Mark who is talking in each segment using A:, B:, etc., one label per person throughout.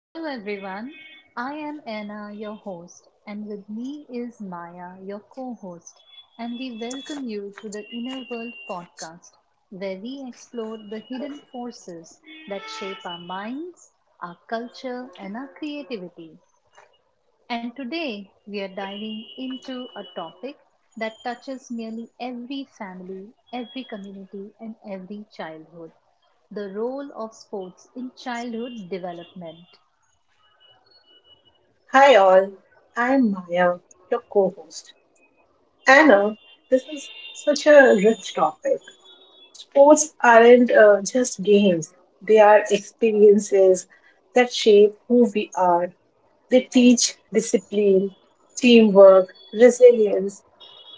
A: Hello, everyone. I am Anna, your host, and with me is Maya, your co host. And we welcome you to the Inner World podcast, where we explore the hidden forces that shape our minds, our culture, and our creativity. And today, we are diving into a topic that touches nearly every family, every community, and every childhood, the role of sports in childhood development.
B: Hi, all. I'm Maya, your co host. Anna, this is such a rich topic. Sports aren't just games, they are experiences that shape who we are. They teach discipline, teamwork, resilience,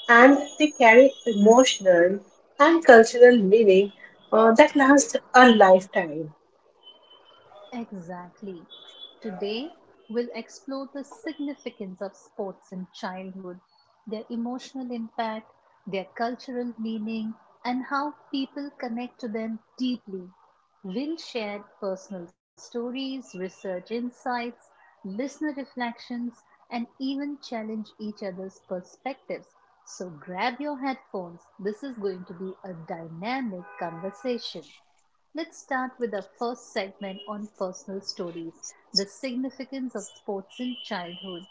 B: and they carry emotional and cultural meaning that lasts a lifetime.
A: Exactly. Today, we'll explore the significance of sports in childhood, their emotional impact, their cultural meaning, and how people connect to them deeply. We'll share personal stories, research insights, listener reflections, and even challenge each other's perspectives. So grab your headphones. This is going to be a dynamic conversation. Let's start with our first segment on personal stories, the significance of sports in childhood.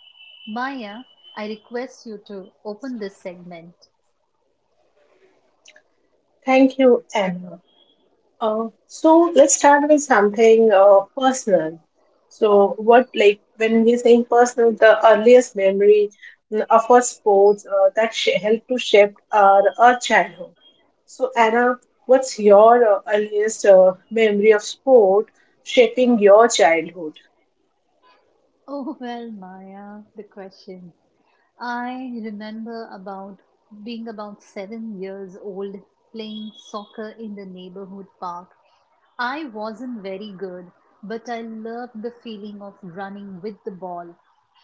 A: Maya, I request you to open this segment.
B: Thank you, Anna. So let's start with something personal. So what like when we're saying personal, the earliest memory of our sports helped to shape our childhood. So Anna, what's your earliest memory of sport shaping your childhood?
A: Oh, well, Maya, the question. I remember about being about 7 years old, playing soccer in the neighborhood park. I wasn't very good, but I loved the feeling of running with the ball,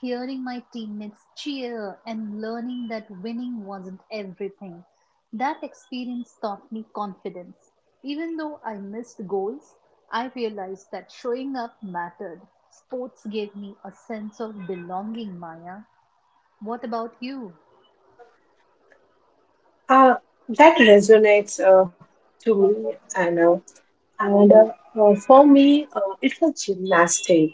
A: hearing my teammates cheer, and learning that winning wasn't everything. That experience taught me confidence. Even though I missed goals, I realized that showing up mattered. Sports gave me a sense of belonging, Maya. What about you?
B: Uh, that resonates to me, Anna. And For me, it was gymnastics.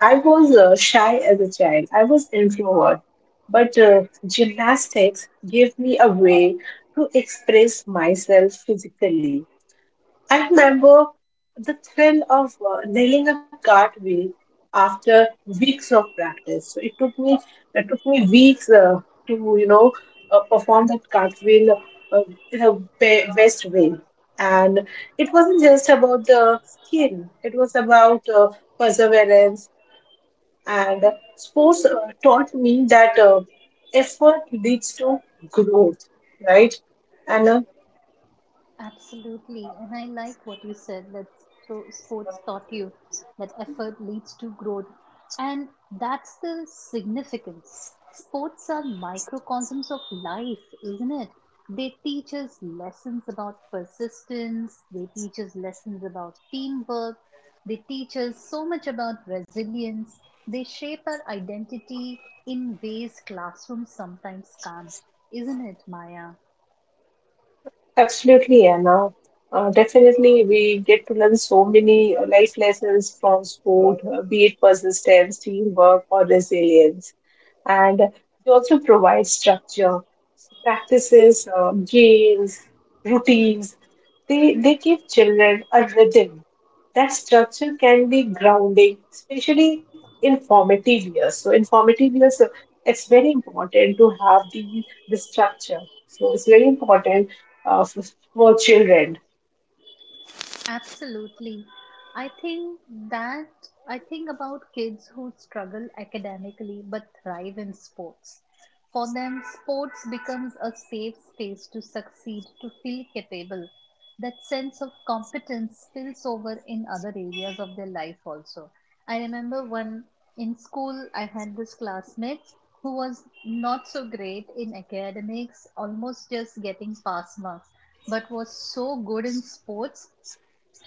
B: I was shy as a child. I was introvert, but gymnastics gave me a way to express myself physically. I remember the thrill of nailing a cartwheel after weeks of practice. So it took me weeks to perform that cartwheel uh, in a best way. And it wasn't just about the skill; it was about perseverance, and sports taught me that effort leads to growth, right? And
A: Absolutely. And I like what you said, that so sports taught you that effort leads to growth. And that's the significance. Sports are microcosms of life, isn't it? They teach us lessons about persistence, they teach us lessons about teamwork, they teach us so much about resilience, they shape our identity in ways classrooms sometimes can't, isn't it, Maya?
B: Absolutely, Anna. Definitely, we get to learn so many life lessons from sport, be it persistence, teamwork, or resilience. And they also provide structure, practices, games, routines. They give children a rhythm. That structure can be grounding, especially in formative years. So, in formative years, it's very important to have the structure. So, it's very important uh, for, for children.
A: Absolutely. I think that I think about kids who struggle academically but thrive in sports. For them, sports becomes a safe space to succeed, to feel capable. That sense of competence spills over in other areas of their life also. I remember when in school I had this classmate who was not so great in academics, almost just getting pass marks, but was so good in sports,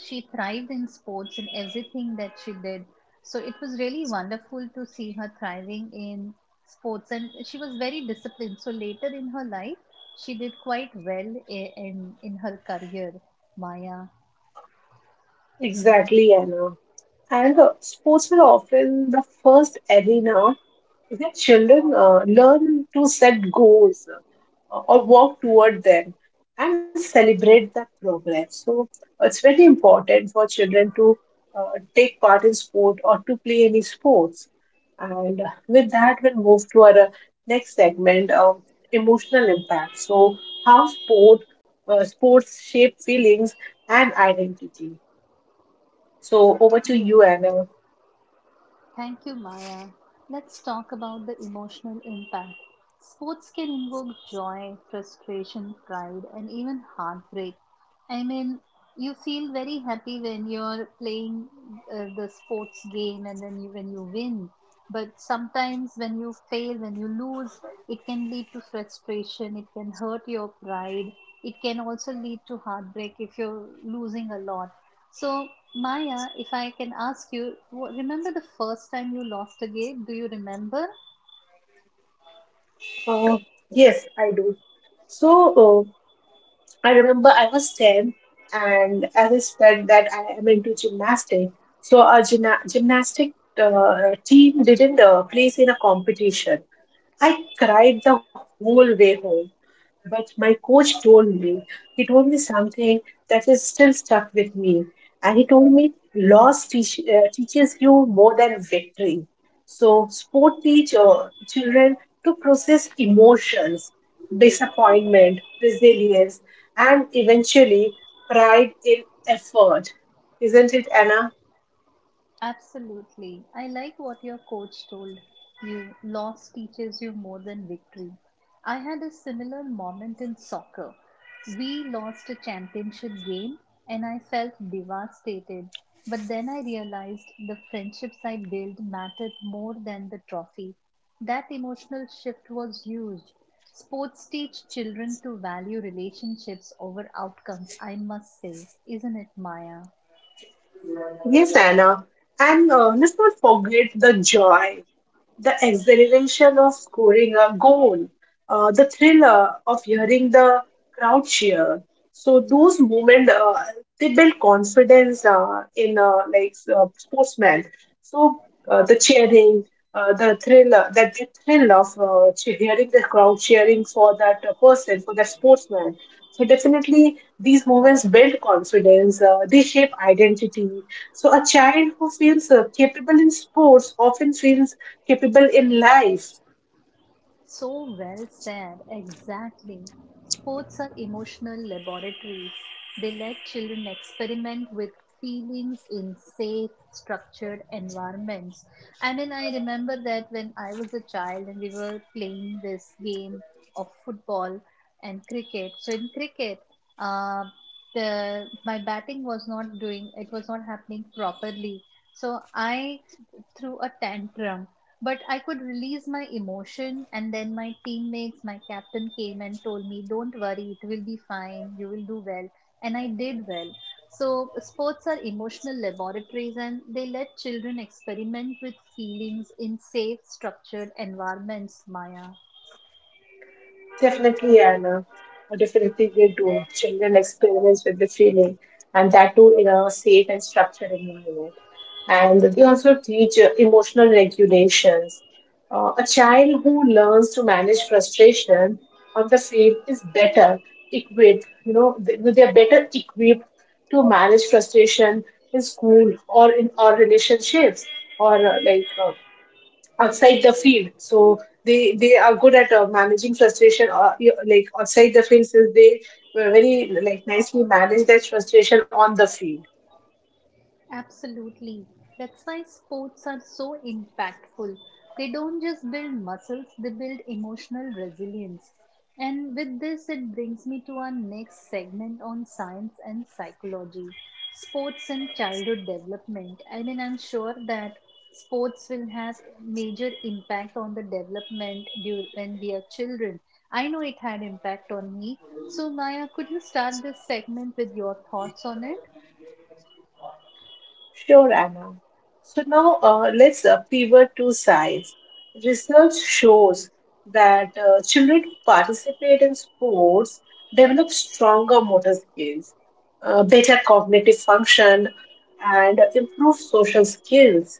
A: she thrived in sports and everything that she did. So it was really wonderful to see her thriving in sports, and she was very disciplined. So later in her life, she did quite well in her career, Maya.
B: Exactly, Anna. And sports were often the first arena that children learn to set goals or walk toward them and celebrate that progress. So it's very important for children to take part in sport or to play any sports. And with that, we'll move to our next segment of emotional impact. So how sports shape feelings and identity. So over to you, Anna.
A: Thank you, Maya. Let's talk about the emotional impact. Sports can invoke joy, frustration, pride, and even heartbreak. I mean, you feel very happy when you're playing the sports game and then you, when you win. But sometimes when you fail, when you lose, it can lead to frustration, it can hurt your pride, it can also lead to heartbreak if you're losing a lot. So, Maya, if I can ask you, remember the first time you lost a game? Do you remember?
B: Uh, yes, I do. So, I remember I was 10, and as I said that I am into gymnastics, so our gymnastic team didn't place in a competition. I cried the whole way home. But my coach told me, he told me something that is still stuck with me. And he told me, loss teaches you more than victory. So, sport teach children to process emotions, disappointment, resilience, and eventually pride in effort. Isn't it, Anna?
A: Absolutely. I like what your coach told you. Loss teaches you more than victory. I had a similar moment in soccer. We lost a championship game and I felt devastated. But then I realized the friendships I built mattered more than the trophy. That emotional shift was huge. Sports teach children to value relationships over outcomes, I must say, isn't it, Maya?
B: Yes, Anna. And let's not forget the joy, the exhilaration of scoring a goal, the thriller of hearing the crowd cheer. So those moments they build confidence in sportsmen. So the cheering, the thrill of hearing the crowd cheering for that person, for that sportsman. So definitely, these moments build confidence. They shape identity. So a child who feels capable in sports often feels capable in life.
A: So well said, exactly. Sports are emotional laboratories. They let children experiment with feelings in safe, structured environments. I mean, I remember that when I was a child and we were playing this game of football and cricket. So, in cricket, uh, the my batting was not doing it was not happening properly, so I threw a tantrum, but I could release my emotion. And then my teammates, my captain came and told me, "Don't worry, it will be fine, you will do well." And I did well. So, sports are emotional laboratories and they let children experiment with feelings in safe, structured environments, Maya.
B: Definitely, Anna. Or definitely, they do. Children experience with the feeling, and that too in a safe and structured environment. And they also teach emotional regulations. A child who learns to manage frustration on the field is better equipped. You know, they are better equipped to manage frustration in school or in our relationships or outside the field. So they are good at managing frustration or like outside the field, since they were very like nicely manage that frustration on the field.
A: Absolutely. That's why sports are so impactful. They don't just build muscles, they build emotional resilience. And with this, it brings me to our next segment on science and psychology, sports and childhood development. I mean, I'm sure that sports will have major impact on the development when we are children. I know it had impact on me. So, Maya, could you start this segment with your thoughts on it?
B: Sure, Anna. So now let's pivot to science. Research shows that children who participate in sports develop stronger motor skills, better cognitive function, and improve social skills,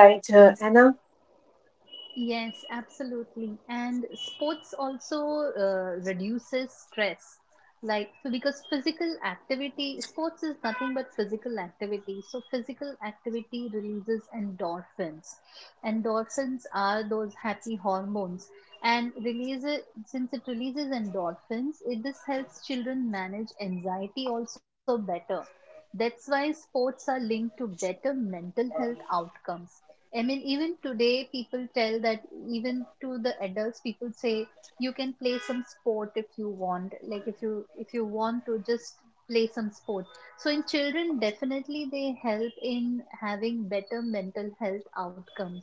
B: right Anna?
A: Yes, absolutely. And sports also reduces stress. Like, so because physical activity, sports is nothing but physical activity. So, physical activity releases endorphins. Endorphins are those happy hormones. And release it, since it releases endorphins, it this helps children manage anxiety also better. That's why sports are linked to better mental health outcomes. I mean, even today, people tell that, even to the adults, people say you can play some sport if you want. Like, if you want to just play some sport. So in children, definitely they help in having better mental health outcomes.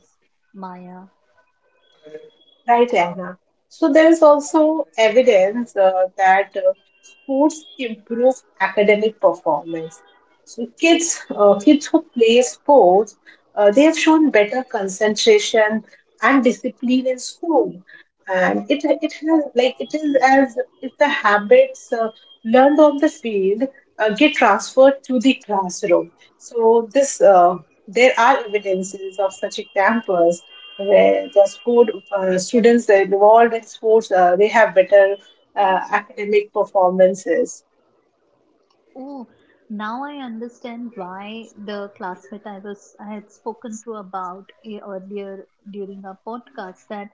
A: Maya.
B: Right, Anna. So there is also evidence that sports improve academic performance. So kids who play sports, they have shown better concentration and discipline in school, and it has like it is as if the habits learned on the field get transferred to the classroom. So this there are evidences of such examples where the school students that involved in sports they have better academic performances.
A: Oh, now I understand why the classmate I had spoken to about, eh, earlier during our podcast, that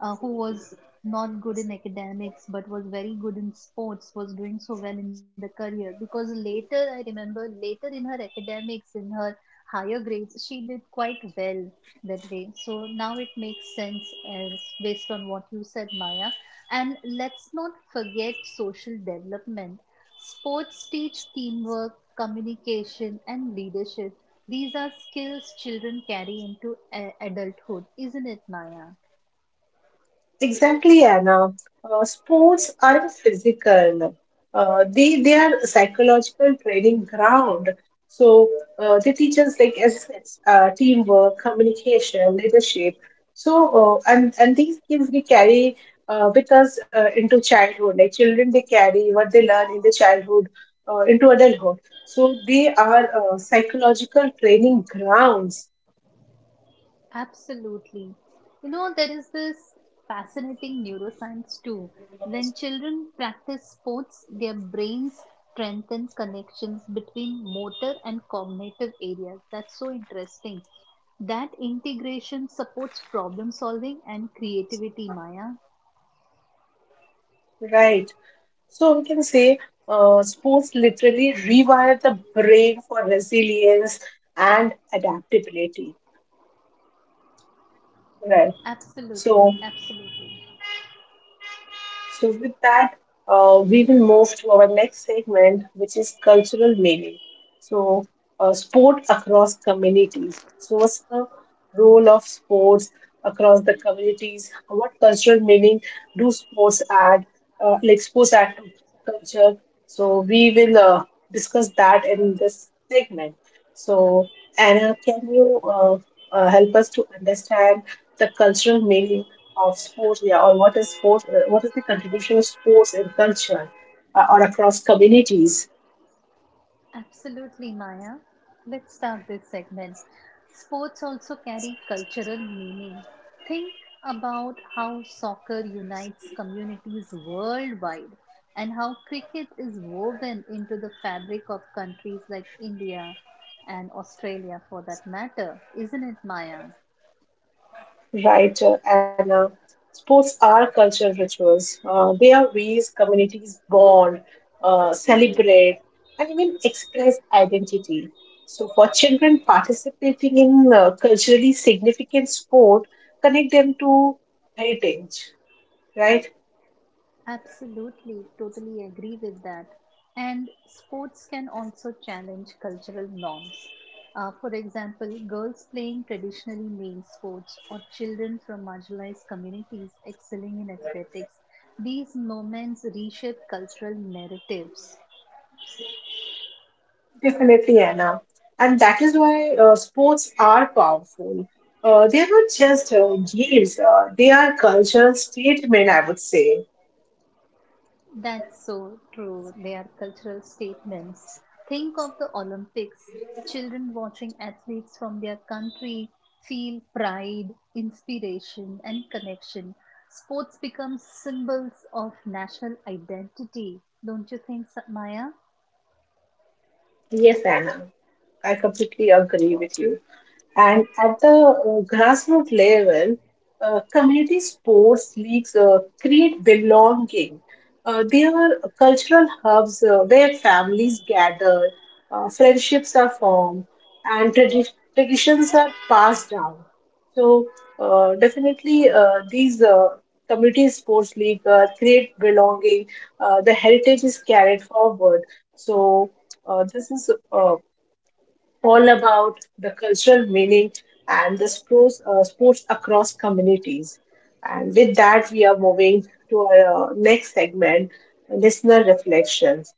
A: who was not good in academics but was very good in sports was doing so well in the career, because later, I remember, later in her academics, in her higher grades she did quite well that way. So now it makes sense, as based on what you said, Maya. And let's not forget social development. Sports teach teamwork, communication, and leadership. These are skills children carry into adulthood, isn't it, Maya?
B: Exactly, Anna. Sports aren't physical. They are psychological training ground. So they teach us like assets, teamwork, communication, leadership. And these skills we carry with us into childhood. Like children, they carry what they learn in their childhood into adulthood. So they are psychological training grounds,
A: Absolutely. You know, there is this fascinating neuroscience too. When children practice sports, their brains strengthen connections between motor and cognitive areas. That's so interesting. That integration supports problem solving and creativity, Maya.
B: right? So we can say sports literally rewire the brain for resilience and adaptability. Right.
A: Absolutely,
B: So,
A: absolutely.
B: So, with that, we will move to our next segment, which is cultural meaning. So, sport across communities. So, what's the role of sports across the communities? What cultural meaning do sports add, to culture? So, we will discuss that in this segment. So, Anna, can you help us to understand the cultural meaning of sports, yeah, or what is sports? What is the contribution of sports in culture or across communities,
A: Absolutely, Maya. Let's start this segment. Sports also carry cultural meaning. Think about how soccer unites communities worldwide and how cricket is woven into the fabric of countries like India and Australia, for that matter, isn't it, Maya?
B: right? And sports are cultural rituals. They are ways communities bond, celebrate, and even express identity. So, for children participating in culturally significant sport, connect them to heritage, right?
A: Absolutely, totally agree with that. And sports can also challenge cultural norms. For example, girls playing traditionally male sports or children from marginalized communities excelling in athletics. These moments reshape cultural narratives.
B: Definitely, Anna. And that is why sports are powerful. They are not just games, they are cultural statement, I would say.
A: That's so true. They are cultural statements. Think of the Olympics. Children watching athletes from their country feel pride, inspiration, and connection. Sports become symbols of national identity, don't you think, Maya?
B: Yes, Anna. I completely agree with you. And at the grassroots level, community sports leagues create belonging. They are cultural hubs where families gather, friendships are formed, and traditions are passed down. So, definitely, these community sports league create belonging. The heritage is carried forward. So, this is all about the cultural meaning and the sports, sports across communities. And with that, we are moving to our next segment, listener reflections,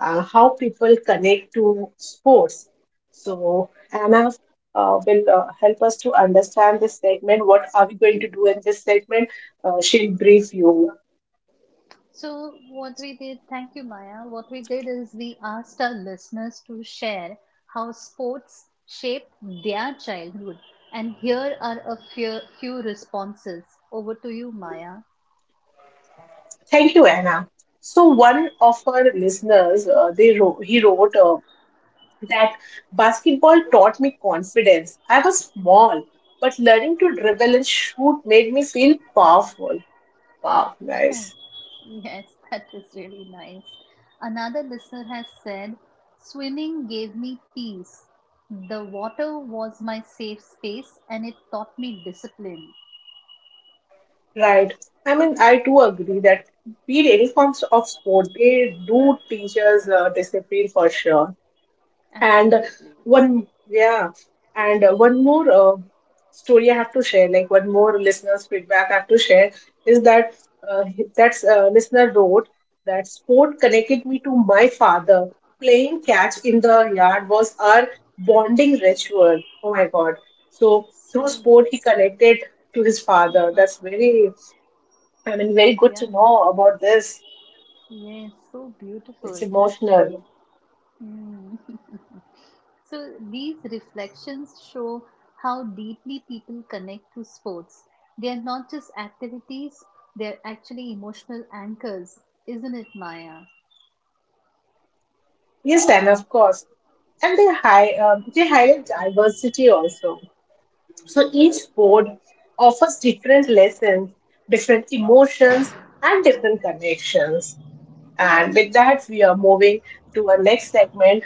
B: how people connect to sports. So, Anna will help us to understand this segment. What are we going to do in this segment? She'll brief you.
A: So, what we did, thank you, Maya. What we did is we asked our listeners to share how sports shaped their childhood. And here are few responses. Over to you, Maya.
B: Thank you, Anna. So one of our listeners, he wrote, that basketball taught me confidence. I was small, but learning to dribble and shoot made me feel powerful. Wow,
A: Oh,
B: guys.
A: yes, that is really nice. Another listener has said, "Swimming gave me peace. The water was my safe space and it taught me discipline."
B: Right. I mean, I do agree that beat any forms of sport, they do teach us discipline for sure. and
A: Absolutely.
B: one yeah and one more story I have to share, like one more listeners feedback I have to share is that uh, that's listener wrote that sport connected me to my father. Playing catch in the yard was our bonding ritual. Oh my god. So through
A: So,
B: sport he connected to his father. That's very, I mean, very good
A: yeah.
B: to know about this.
A: Yes, so beautiful,
B: It's
A: actually.
B: emotional.
A: Mm. So these reflections show how deeply people connect to sports. They are not just activities, they're actually emotional anchors, isn't it, Maya?
B: Yes, and of course. And they highlight diversity also. So each sport offers different lessons, different emotions, and different connections. And with that, we are moving to our next segment,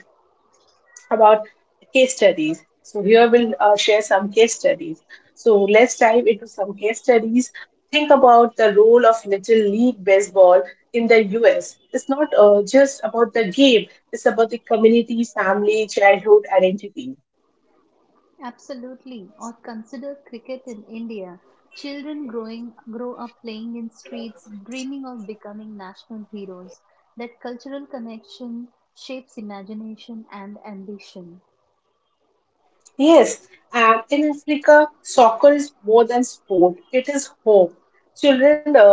B: about case studies. So here we'll share some case studies. So let's dive into some case studies. Think about the role of Little League Baseball in the US. It's not just about the game, it's about the community, family, childhood identity.
A: Absolutely. Or consider cricket in India. Children grow up playing in streets, dreaming of becoming national heroes. That cultural connection shapes imagination and ambition.
B: Yes, and in Africa, soccer is more than sport, it is hope. Children,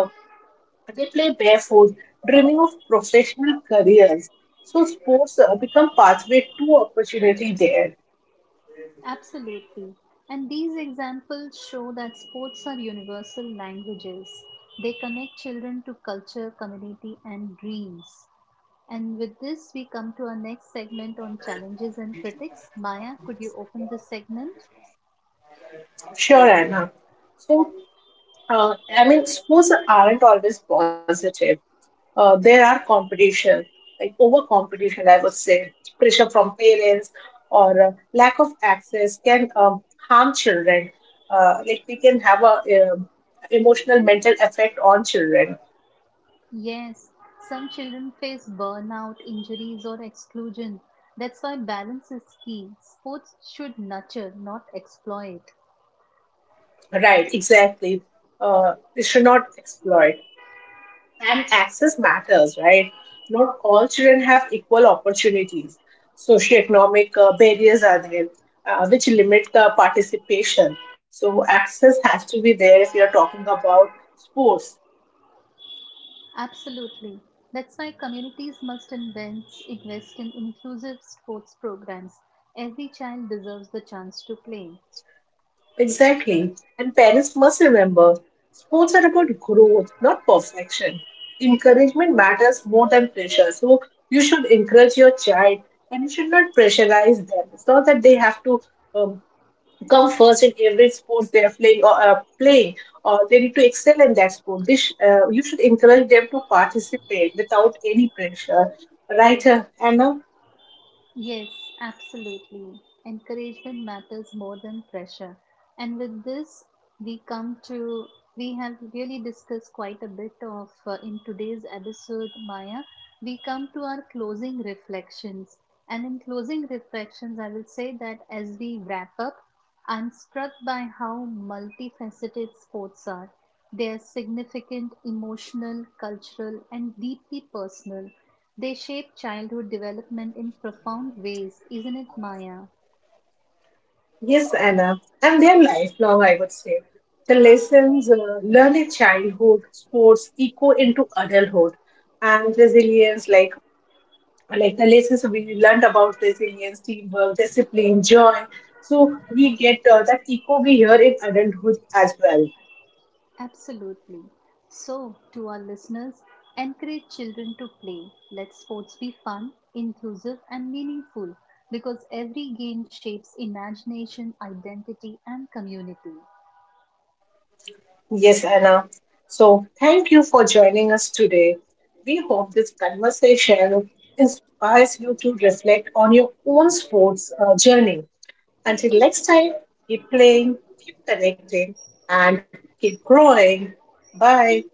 B: they play barefoot, dreaming of professional careers. So sports become pathway to opportunity there.
A: Absolutely. And these examples show that sports are universal languages. They connect children to culture, community, and dreams. And with this, we come to our next segment on challenges and critics. Maya, could you open this segment?
B: Sure, Anna. So, I mean, sports aren't always positive. There are competition, like over competition, I would say. Pressure from parents or lack of access can harm children. Like they can have a emotional, mental effect on children.
A: Yes, some children face burnout, injuries, or exclusion. That's why balance is key. Sports should nurture, not exploit.
B: Right, exactly. They should not exploit. And access matters, right? Not all children have equal opportunities. Socioeconomic barriers are there, which limit the participation. So access has to be there if you're talking about sports.
A: Absolutely. That's why communities must invest in inclusive sports programs. Every child deserves the chance to play.
B: Exactly. And parents must remember sports are about growth, not perfection. Encouragement matters more than pressure. So you should encourage your child and you should not pressurize them. It's not that they have to um, come first in every sport they are playing or they need to excel in that sport. You should encourage them to participate without any pressure, right Anna?
A: Yes, absolutely. Encouragement matters more than pressure. And with this, we come to, we have really discussed quite a bit of, in today's episode, Maya. We come to our closing reflections. And in closing reflections, I will say that as we wrap up, I'm struck by how multifaceted sports are. They are significant, emotional, cultural, and deeply personal, they shape childhood development in profound ways, isn't it, Maya?
B: Yes, Anna, and their lifelong, I would say. The lessons learned in childhood sports echo into adulthood, and resilience, like the lessons we learned about resilience, teamwork, discipline, joy. So we get that echo we hear in adulthood as well.
A: Absolutely. So, to our listeners, encourage children to play. Let sports be fun, inclusive, and meaningful because every game shapes imagination, identity, and community.
B: Yes, Anna. So, thank you for joining us today. We hope this conversation inspires you to reflect on your own sports journey. Until next time, keep playing, keep connecting, and keep growing. Bye.